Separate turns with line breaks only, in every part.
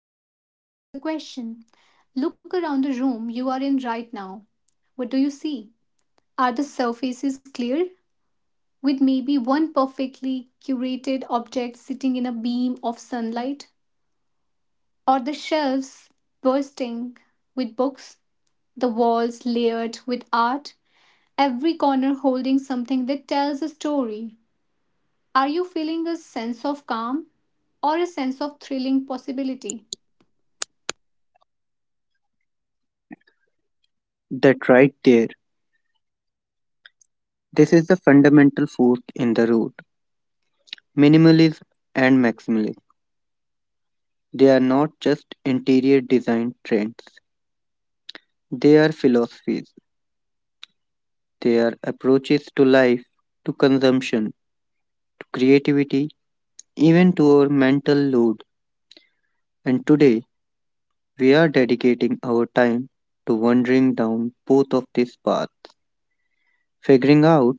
so here's a question. Look around the room you are in right now. What do you see? Are the surfaces clear, with maybe one perfectly curated object sitting in a beam of sunlight? Or the shelves bursting with books, the walls layered with art, every corner holding something that tells a story? Are you feeling a sense of calm or a sense of thrilling possibility?
That right there. This is the fundamental fork in the road. Minimalism and maximalism. They are not just interior design trends, they are philosophies. They are approaches to life, to consumption, to creativity, even to our mental load. And today, we are dedicating our time to wandering down both of these paths, figuring out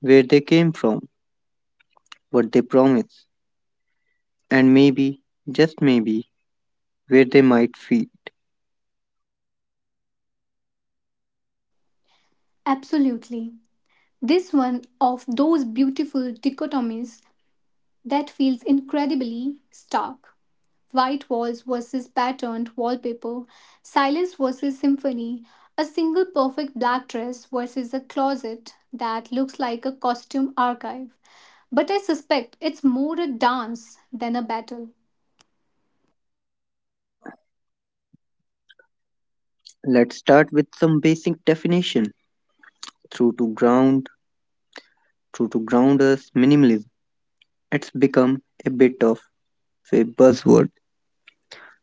where they came from, what they promise, and maybe, just maybe, where they might feed.
Absolutely. This one of those beautiful dichotomies that feels incredibly stark. White walls versus patterned wallpaper, silence versus symphony, a single perfect black dress versus a closet that looks like a costume archive. But I suspect it's more a dance than a battle.
Let's start with some basic definition. Through to ground, through to grounders, Minimalism. It's become a bit of a buzzword.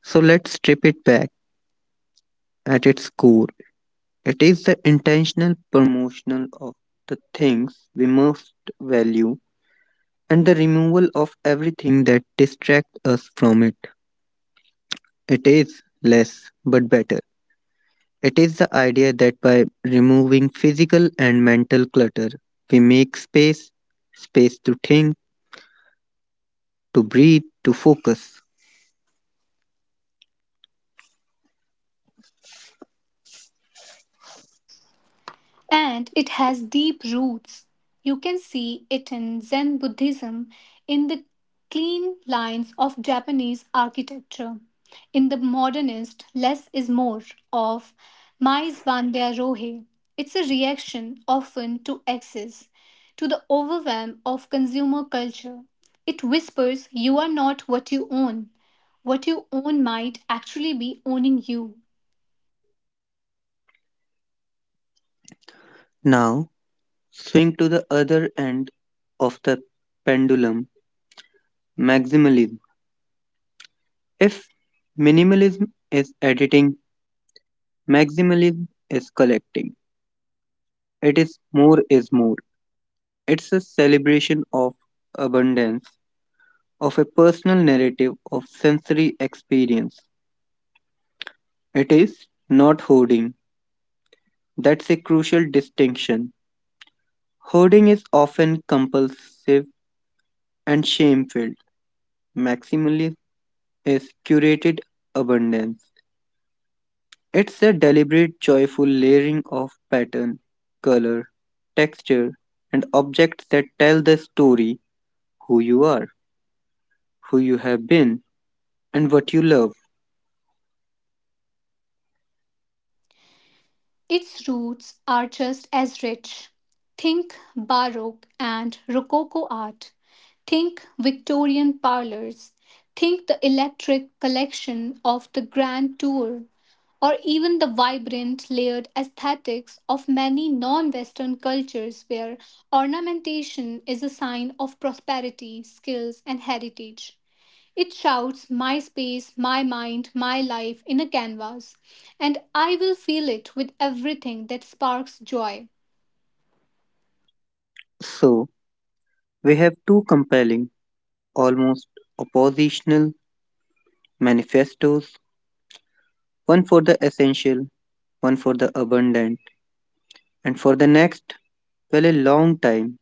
So let's strip it back at its core. It is the intentional promotional of the things we most value and the removal of everything that distracts us from it. It is less but better. It is the idea that by removing physical and mental clutter, we make space, space to think to breathe, to focus.
And it has deep roots. You can see it in Zen Buddhism, in the clean lines of Japanese architecture, in the modernist less is more of Mies van der Rohe. It's a reaction often to excess, to the overwhelm of consumer culture. It whispers, you are not what you own. What you own might actually be owning you.
Now, swing to the other end of the pendulum maximalism. If minimalism is editing, maximalism is collecting. It is more is more. It's a celebration of abundance, of a personal narrative of sensory experience. It is not hoarding. That's a crucial distinction. Hoarding is often compulsive and shame filled. Maximalism is curated abundance. It's a deliberate, joyful layering of pattern, color, texture, and objects that tell the story who you are, who you have been, and what you love.
Its roots are just as rich. Think Baroque and Rococo art. Think Victorian parlors. Think the electric collection of the Grand Tour, or even the vibrant layered aesthetics of many non Western cultures where ornamentation is a sign of prosperity, skills, and heritage. It shouts, my space, my mind, my life in a canvas, and I will fill it with everything that sparks joy.
So, we have two compelling, almost oppositional manifestos one for the essential, one for the abundant, and for the next, well, a long time,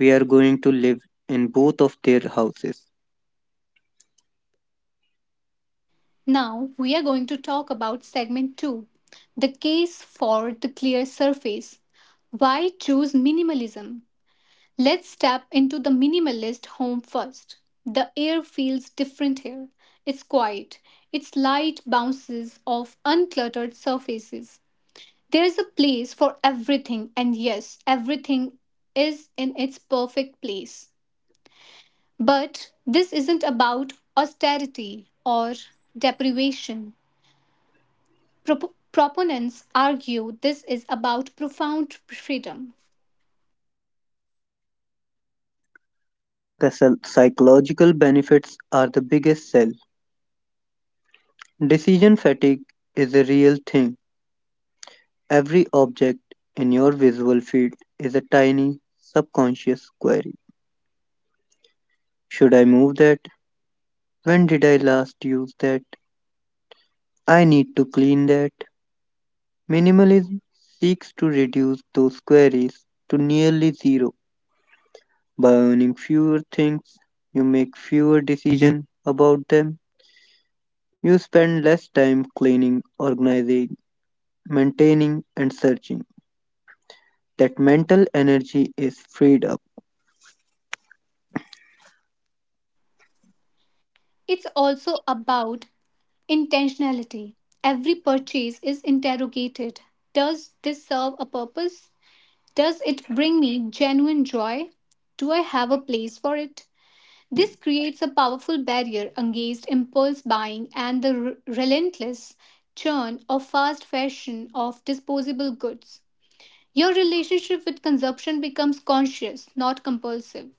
we are going to live in both of their houses.
Now we are going to talk about segment 2: the case for the clear surface. Why choose minimalism? Let's step into the minimalist home first. The air feels different here. It's quiet. Its light bounces off uncluttered surfaces. There is a place for everything, and yes, everything is in its perfect place. But this isn't about austerity or deprivation. Proponents argue this is about profound freedom.
The psychological benefits are the biggest sell. Decision fatigue is a real thing. Every object in your visual field is a tiny subconscious query. Should I move that? When did I last use that? I need to clean that. Minimalism seeks to reduce those queries to nearly zero. By owning fewer things, you make fewer decisions about them. You spend less time cleaning, organizing, maintaining, and searching. That mental energy is freed up.
It's also about intentionality. Every purchase is interrogated. Does this serve a purpose? Does it bring me genuine joy? Do I have a place for it? This creates a powerful barrier against impulse buying and the relentless churn of fast fashion of disposable goods. Your relationship with consumption becomes conscious, not compulsive.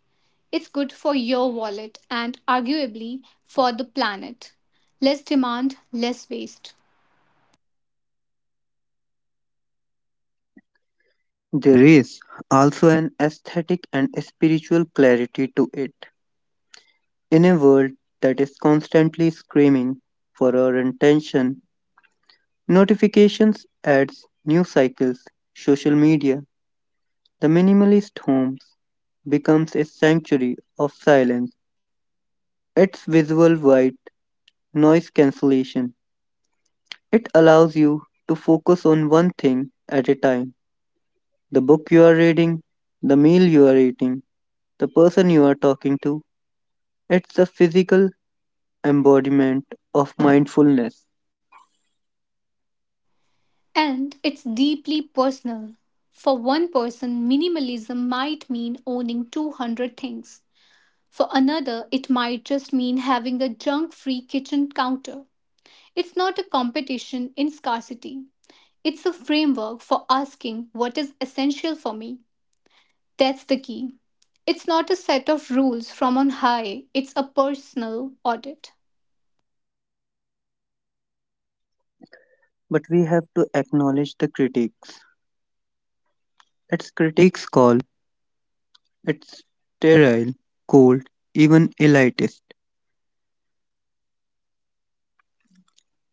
It's good for your wallet and arguably for the planet. Less demand, less waste.
There is also an aesthetic and spiritual clarity to it. In a world that is constantly screaming for our attention, notifications, ads, news cycles, social media, the minimalist homes becomes a sanctuary of silence. Its visual white noise cancellation. It allows you to focus on one thing at a time the book you are reading, the meal you are eating, the person you are talking to. It's the physical embodiment of mindfulness.
And it's deeply personal. For one person, minimalism might mean owning 200 things. For another, it might just mean having a junk free kitchen counter. It's not a competition in scarcity, it's a framework for asking what is essential for me. That's the key. It's not a set of rules from on high, it's a personal audit.
But we have to acknowledge the critics. It's critics call it sterile, cold, even elitist.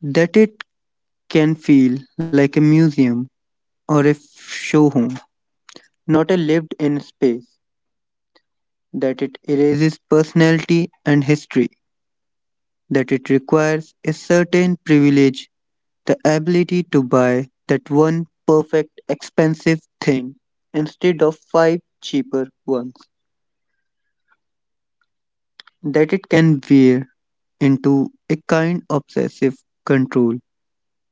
That it can feel like a museum or a show home, not a lived in space. That it erases personality and history. That it requires a certain privilege. The ability to buy that one perfect expensive thing instead of five cheaper ones. That it can veer into a kind obsessive control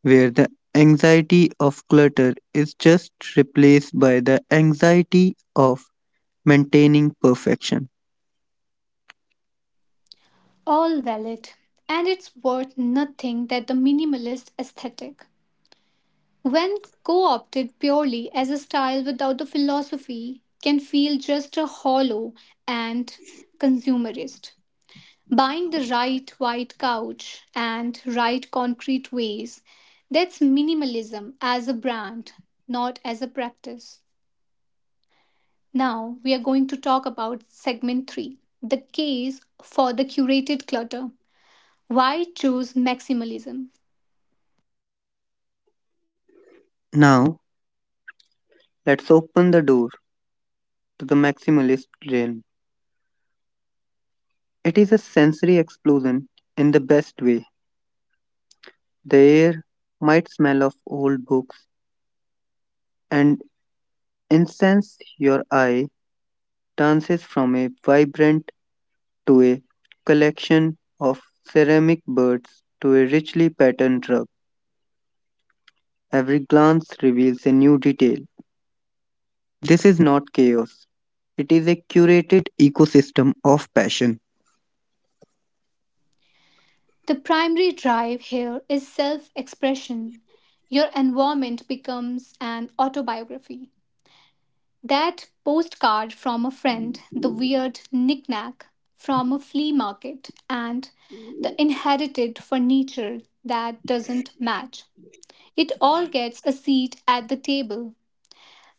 where the anxiety of clutter is just replaced by the anxiety of maintaining perfection.
All valid, and it's worth nothing that the minimalist aesthetic, when co opted purely as a style without the philosophy, can feel just a hollow and consumerist. Buying the right white couch and right concrete vase. That's minimalism as a brand, not as a practice. Now we are going to talk about segment 3: the case for the curated clutter. Why choose maximalism?
Now, let's open the door to the maximalist realm. It is a sensory explosion in the best way. The air might smell of old books and incense your eye dances from a vibrant to a collection of ceramic birds to a richly patterned rug. Every glance reveals a new detail. This is not chaos. It is a curated ecosystem of passion.
The primary drive here is self expression. Your environment becomes an autobiography. That postcard from a friend, the weird knickknack from a flea market, and the inherited furniture that doesn't match. It all gets a seat at the table.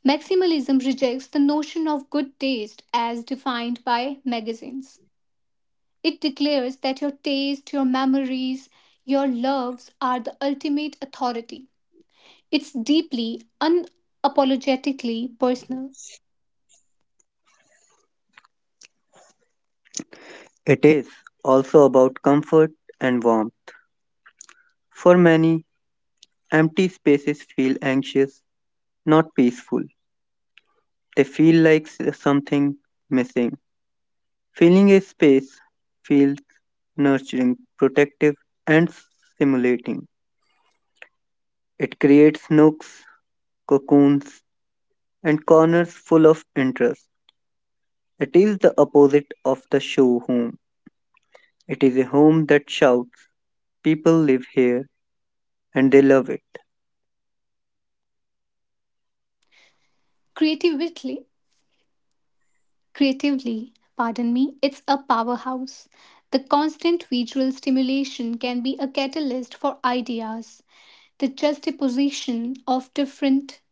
Maximalism rejects the notion of good taste as defined by magazines. It declares that your taste, your memories, your loves are the ultimate authority. It's deeply, unapologetically personal.
It is also about comfort and warmth. For many, empty spaces feel anxious, not peaceful. They feel like something missing. Filling a space feels nurturing, protective, and stimulating. It creates nooks, cocoons, and corners full of interest. It is the opposite of the show home. It is a home that shouts, people live here and they love it.
Creativity Creatively, pardon me, it's a powerhouse. The constant visual stimulation can be a catalyst for ideas. The juxtaposition of different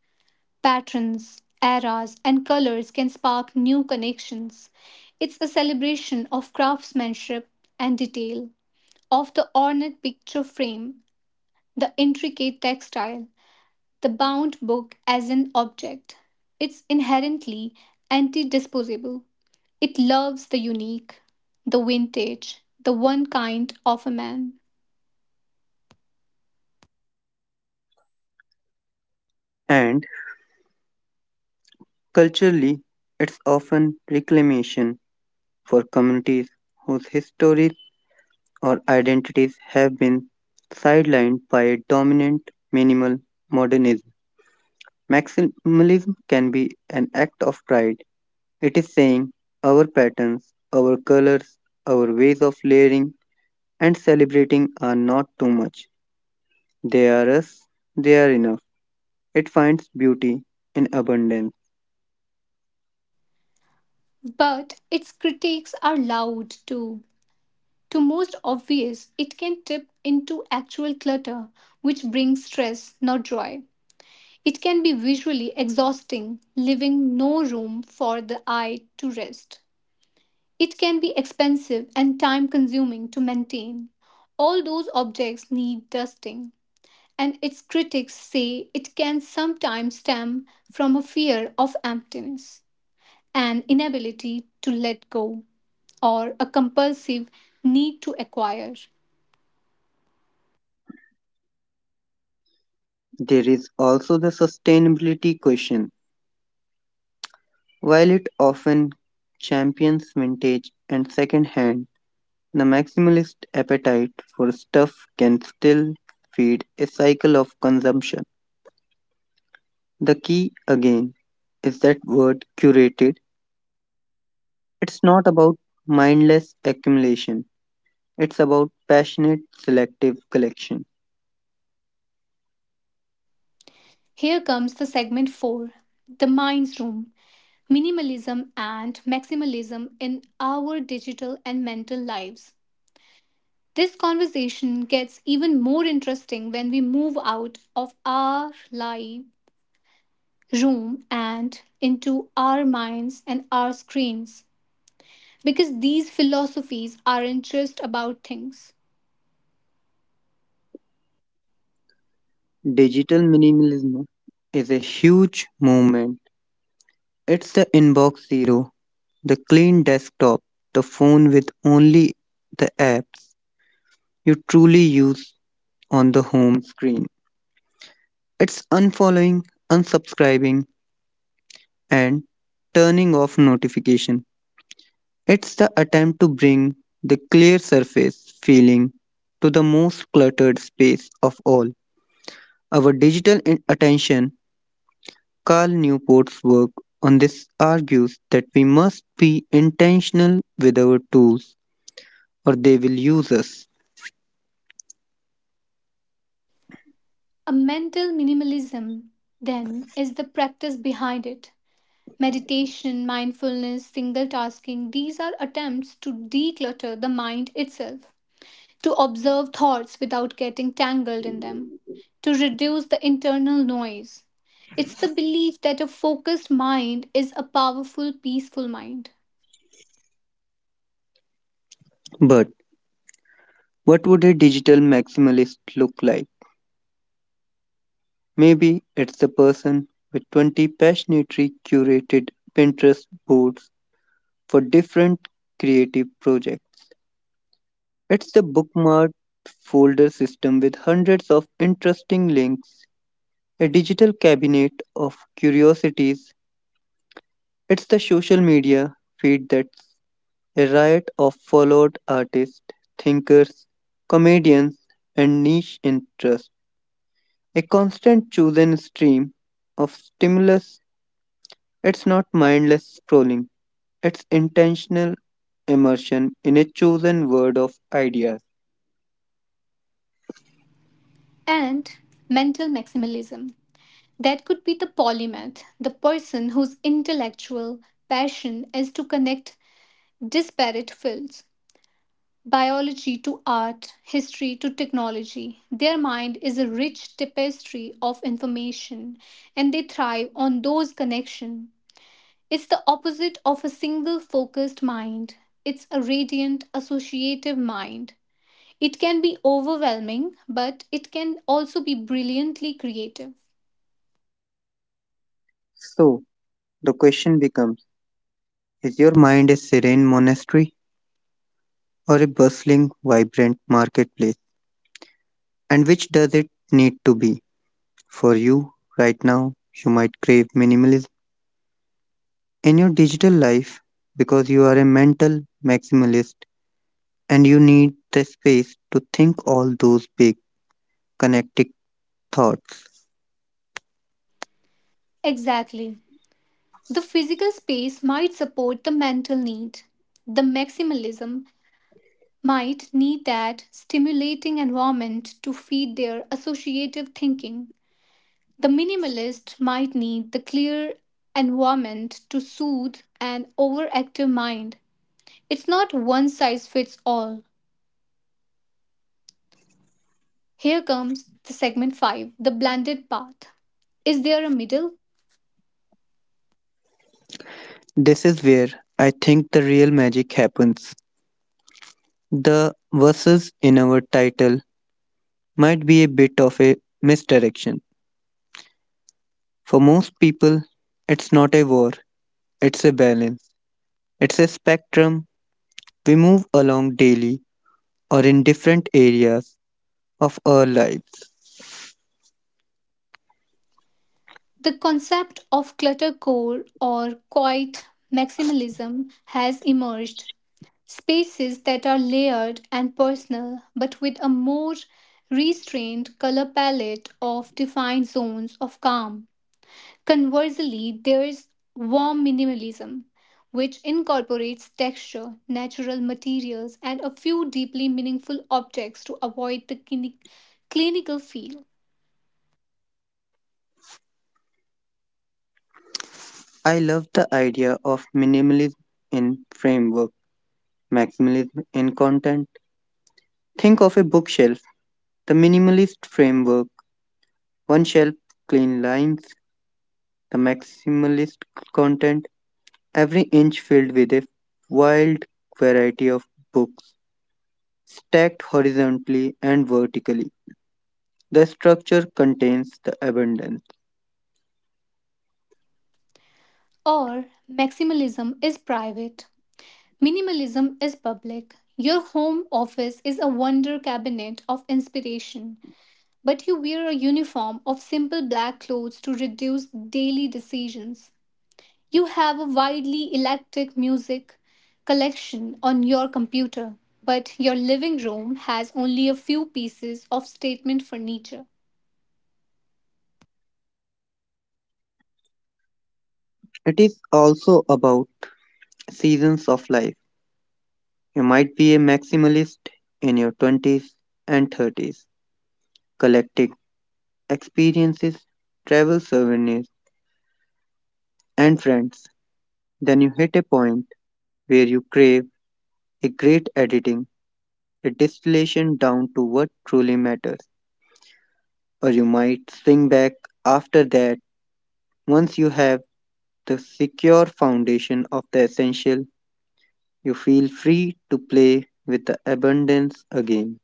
patterns, eras, and colors can spark new connections. It's a celebration of craftsmanship and detail, of the ornate picture frame, the intricate textile, the bound book as an object. It's inherently anti disposable. It loves the unique, the vintage, the one kind of a man.
And culturally, it's often reclamation for communities whose histories or identities have been sidelined by a dominant minimal modernism. Maximalism can be an act of pride. It is saying our patterns, our colors, our ways of layering and celebrating are not too much. They are us, they are enough. It finds beauty in abundance.
But its critiques are loud too. To most obvious, it can tip into actual clutter, which brings stress, not joy. It can be visually exhausting, leaving no room for the eye to rest. It can be expensive and time consuming to maintain. All those objects need dusting, and its critics say it can sometimes stem from a fear of emptiness, an inability to let go, or a compulsive need to acquire.
There is also the sustainability question. While it often champions vintage and second hand, the maximalist appetite for stuff can still feed a cycle of consumption. The key again is that word curated. It's not about mindless accumulation, it's about passionate selective collection.
Here comes the segment 4: the Mind's Room, Minimalism and Maximalism in Our Digital and Mental Lives. This conversation gets even more interesting when we move out of our live room and into our minds and our screens. Because these philosophies aren't just about things.
Digital minimalism is a huge movement. It's the inbox zero, the clean desktop, the phone with only the apps you truly use on the home screen. It's unfollowing, unsubscribing, and turning off notifications. It's the attempt to bring the clear surface feeling to the most cluttered space of all. Our digital attention, Carl Newport's work on this argues that we must be intentional with our tools or they will use us.
A mental minimalism, then, is the practice behind it. Meditation, mindfulness, single tasking, these are attempts to declutter the mind itself, to observe thoughts without getting tangled in them, to reduce the internal noise. It's the belief that a focused mind is a powerful, peaceful mind.
But what would a digital maximalist look like? Maybe it's the person with 20 passionately curated Pinterest boards for different creative projects. It's the bookmarked folder system with hundreds of interesting links, a digital cabinet of curiosities. It's the social media feed that's a riot of followed artists, thinkers, comedians, and niche interests. A constant chosen stream of stimulus. It's not mindless scrolling, it's intentional immersion in a chosen world of ideas.
And mental maximalism. That could be the polymath, the person whose intellectual passion is to connect disparate fields, biology to art, history to technology. Their mind is a rich tapestry of information and they thrive on those connections. It's the opposite of a single focused mind. It's a radiant, associative mind. It can be overwhelming, but it can also be brilliantly creative.
So, the question becomes, is your mind a serene monastery or a bustling, vibrant marketplace? And which does it need to be? For you, right now, you might crave minimalism in your digital life because you are a mental maximalist and you need the space to think all those big, connected thoughts.
Exactly. The physical space might support the mental need. The maximalism might need that stimulating environment to feed their associative thinking. The minimalist might need the clear environment to soothe an overactive mind. It's not one size fits all. Here comes the segment 5: the blended path. Is there a middle?
This is where I think the real magic happens. The verses in our title might be a bit of a misdirection. For most people, it's not a war, it's a balance, it's a spectrum we move along daily or in different areas of our lives.
The concept of clutter core or quiet maximalism has emerged. Spaces that are layered and personal but with a more restrained color palette of defined zones of calm. Conversely, there's warm minimalism, which incorporates texture, natural materials, and a few deeply meaningful objects to avoid the clinical feel.
I love the idea of minimalism in framework, maximalism in content. Think of a bookshelf, the minimalist framework, one shelf, clean lines, the maximalist content, every inch filled with a wild variety of books, stacked horizontally and vertically. The structure contains the abundance.
Or maximalism is private, minimalism is public. Your home office is a wonder cabinet of inspiration, but you wear a uniform of simple black clothes to reduce daily decisions. You have a widely eclectic music collection on your computer, but your living room has only a few pieces of statement furniture.
It is also about seasons of life. You might be a maximalist in your 20s and 30s, collecting experiences, travel souvenirs, and friends. Then you hit a point where you crave a great editing, a distillation down to what truly matters. Or you might swing back after that once you have the secure foundation of the essential. You feel free to play with the abundance again.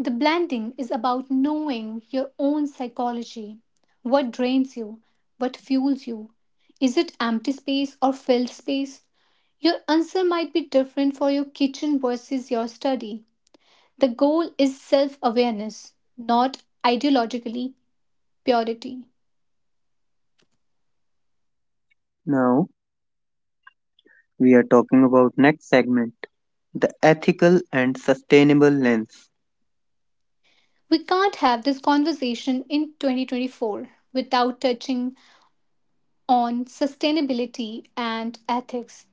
The blending is about knowing your own psychology. What drains you? What fuels you? Is it empty space or filled space? Your answer might be different for your kitchen versus your study. The goal is self awareness, not ideologically purity.
Now, we are talking about next segment, the ethical and sustainable lens.
We can't have this conversation in 2024 without touching on sustainability and ethics.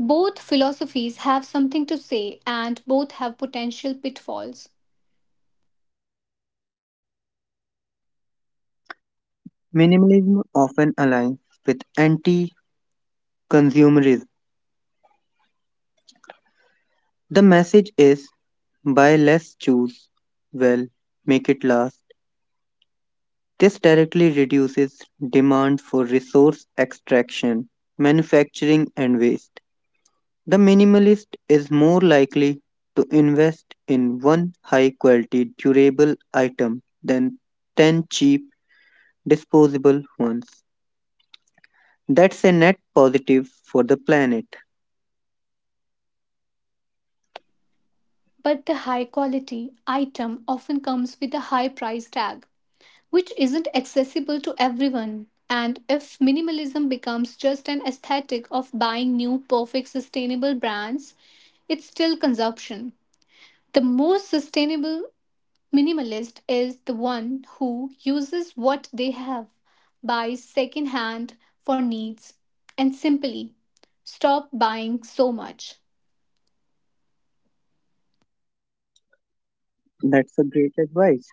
Both philosophies have something to say and both have potential pitfalls.
Minimalism often aligns with anti-consumerism. The message is buy less, choose well, make it last. This directly reduces demand for resource extraction, manufacturing and waste. The minimalist is more likely to invest in one high quality durable item than 10 cheap disposable ones. That's a net positive for the planet.
But the high quality item often comes with a high price tag, which isn't accessible to everyone. And if minimalism becomes just an aesthetic of buying new, perfect, sustainable brands, it's still consumption. The most sustainable minimalist is the one who uses what they have, buys secondhand for needs, and simply stop buying so much.
That's a great advice.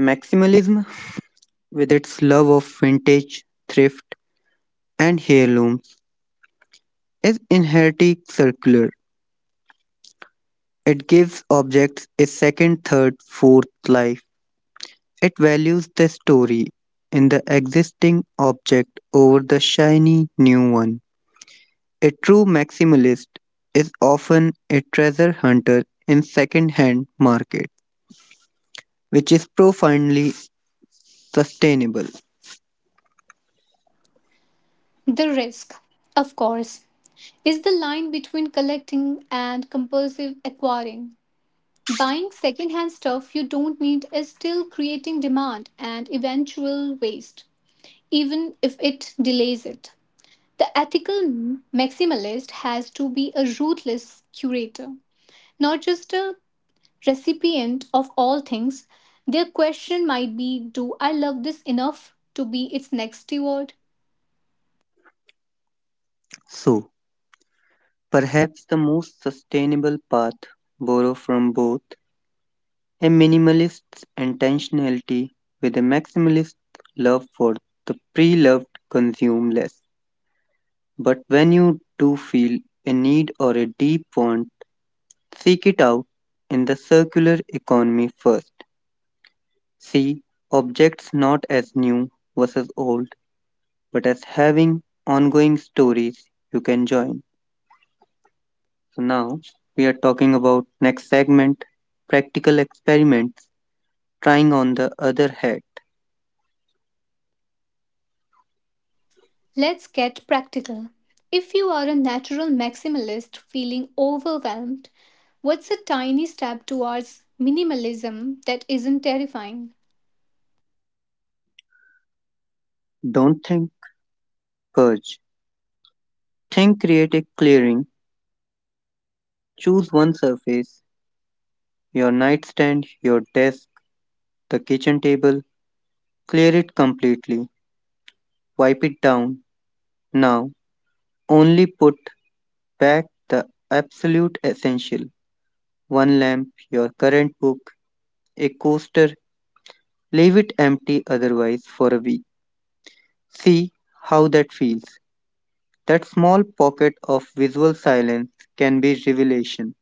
Maximalism, with its love of vintage, thrift, and heirlooms, is inherently circular. It gives objects a second, third, fourth life. It values the story in the existing object over the shiny new one. A true maximalist is often a treasure hunter in second-hand market, which is profoundly sustainable.
The risk, of course, is the line between collecting and compulsive acquiring. Buying secondhand stuff you don't need is still creating demand and eventual waste, even if it delays it. The ethical maximalist has to be a ruthless curator, not just a recipient of all things. Their question might be, do I love this enough to be its next steward?
So, perhaps the most sustainable path borrow from both a minimalist's intentionality with a maximalist love for the pre-loved consume less. But when you do feel a need or a deep want, seek it out in the circular economy first. See objects not as new versus old, but as having ongoing stories you can join. So now we are talking about next segment, practical experiments, trying on the other hat.
Let's get practical. If you are a natural maximalist feeling overwhelmed, what's a tiny step towards minimalism that isn't terrifying?
Don't think, purge. Think, create a clearing. Choose one surface, your nightstand, your desk, the kitchen table. Clear it completely. Wipe it down. Now only put back the absolute essential. One lamp, your current book, a coaster. Leave it empty otherwise for a week. See how that feels. That small pocket of visual silence can be revelation.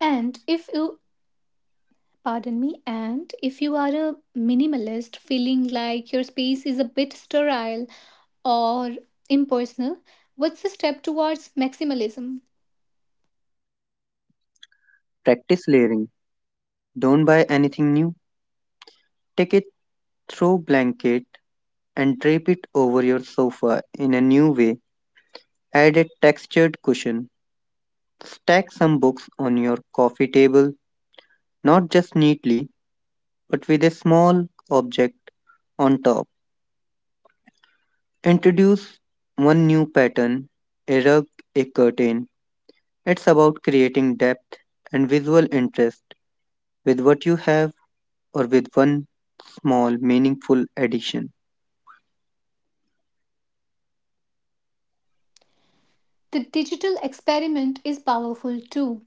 And if you and if you are a minimalist feeling like your space is a bit sterile or impersonal, what's a step towards maximalism?
Practice layering. Don't buy anything new. Take a throw blanket and drape it over your sofa in a new way. Add a textured cushion. Stack some books on your coffee table, not just neatly, but with a small object on top. Introduce one new pattern, a rug, a curtain. It's about creating depth and visual interest with what you have or with one small meaningful addition.
The digital experiment is powerful too.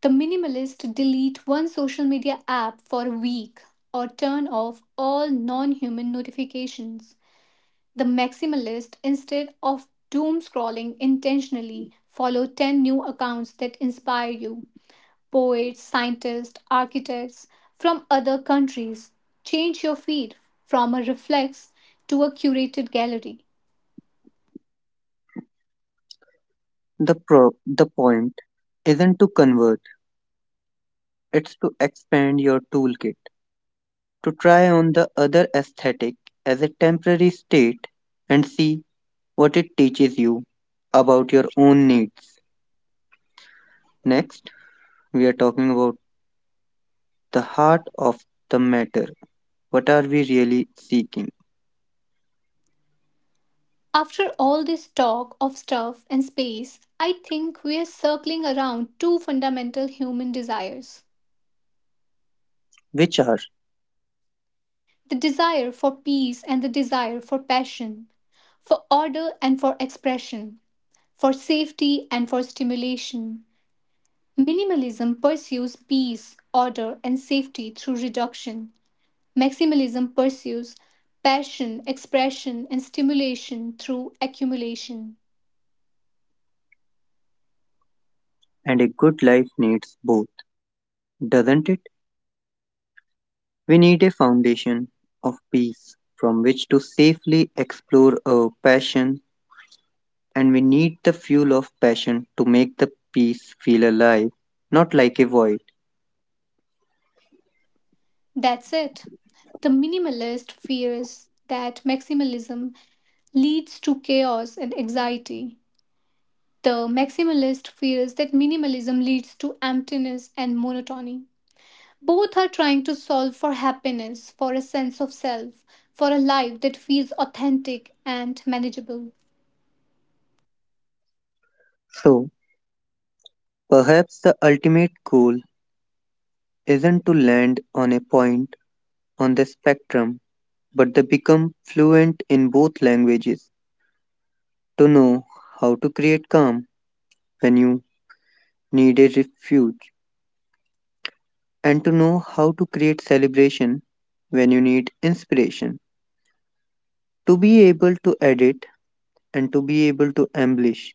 The minimalist delete one social media app for a week or turn off all non human notifications. The maximalist, instead of doom scrolling intentionally, follow 10 new accounts that inspire you, poets, scientists, architects from other countries. Change your feed from a reflex to a curated gallery.
The the point isn't to convert, it's to expand your toolkit, to try on the other aesthetic as a temporary state and see what it teaches you about your own needs. Next, we are talking about the heart of the matter. What are we really seeking?
After all this talk of stuff and space, I think we are circling around two fundamental human desires,
Which are
the desire for peace and the desire for passion, for order and for expression, for safety and for stimulation. Minimalism pursues peace, order, and safety through reduction. Maximalism pursues passion, expression, and stimulation through accumulation.
and a good life needs both, doesn't it? We need a foundation of peace from which to safely explore our passion, and we need the fuel of passion to make the peace feel alive, not like a void.
That's it. The minimalist fears that maximalism leads to chaos and anxiety. The maximalist fears that minimalism leads to emptiness and monotony. Both are trying to solve for happiness, for a sense of self, for a life that feels authentic and manageable.
So, perhaps the ultimate goal isn't to land on a point on the spectrum, but to become fluent in both languages, to know how to create calm when you need a refuge, and to know how to create celebration when you need inspiration. To be able to edit and to be able to embellish.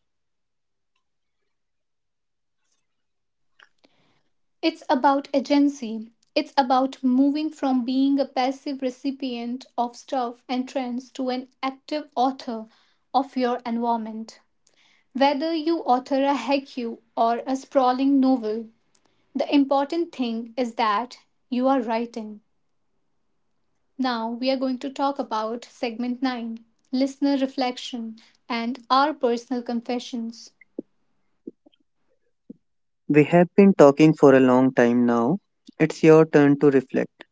It's about agency. It's about moving from being a passive recipient of stuff and trends to an active author of your environment. Whether you author a haiku or a sprawling novel, the important thing is that you are writing. Now we are going to talk about segment 9: listener reflection and our personal confessions.
We have been talking for a long time now. It's your turn to reflect.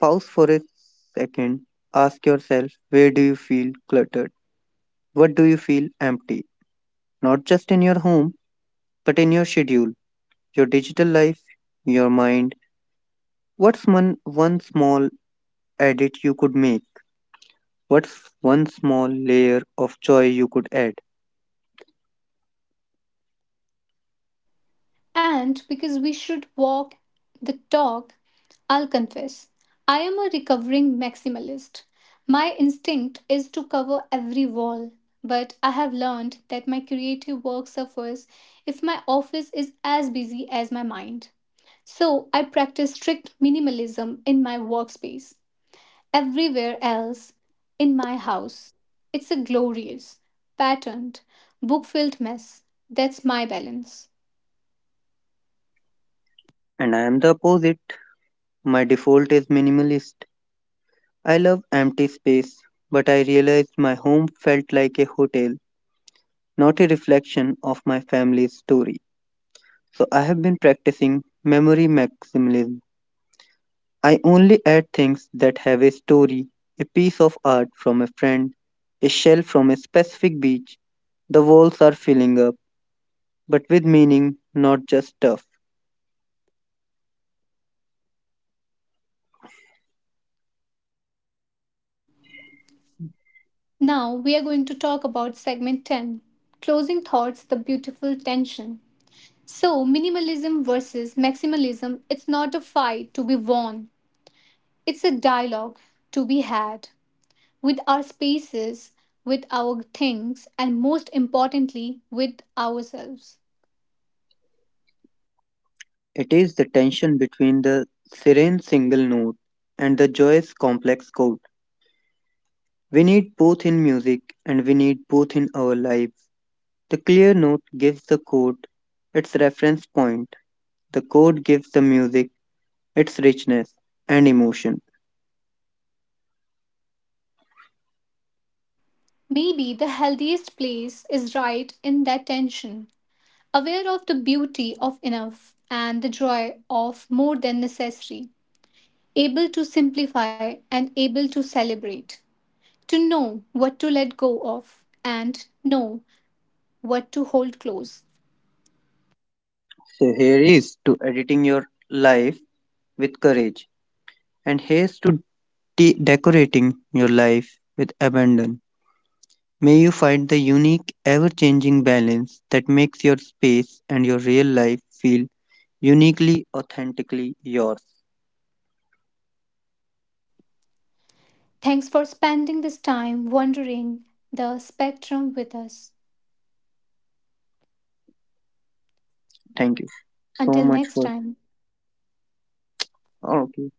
Pause for a second. Ask yourself, where do you feel cluttered? What do you feel empty? Not just in your home, but in your schedule, your digital life, your mind. What's one small edit you could make? What's one small layer of joy you could add?
And because we should walk the talk, I'll confess, I am a recovering maximalist. My instinct is to cover every wall, but I have learned that my creative work suffers if my office is as busy as my mind. So I practice strict minimalism in my workspace, everywhere else in my house. It's a glorious, patterned, book filled mess. That's my balance.
And I am the opposite. My default is minimalist. I love empty space, but I realized my home felt like a hotel, not a reflection of my family's story. So I have been practicing memory maximalism. I only add things that have a story, a piece of art from a friend, a shell from a specific beach. The walls are filling up, but with meaning, not just stuff.
Now we are going to talk about segment 10: Closing Thoughts, the Beautiful Tension. So, minimalism versus maximalism, it's not a fight to be won, it's a dialogue to be had with our spaces, with our things, and most importantly, with ourselves.
It is the tension between the serene single note and the joyous complex chord. We need both in music and we need both in our lives. The clear note gives the chord its reference point, the chord gives the music its richness and emotion.
Maybe the healthiest place is right in that tension, aware of the beauty of enough and the joy of more than necessary, able to simplify and able to celebrate, to know what to let go of and know what to hold close.
So, here is to editing your life with courage, and here's to decorating your life with abandon. May you find the unique, ever changing balance that makes your space and your real life feel uniquely, authentically yours.
Thanks for spending this time wandering the spectrum with us.
Thank you so
Until
much
next
for.
time.
Oh, okay.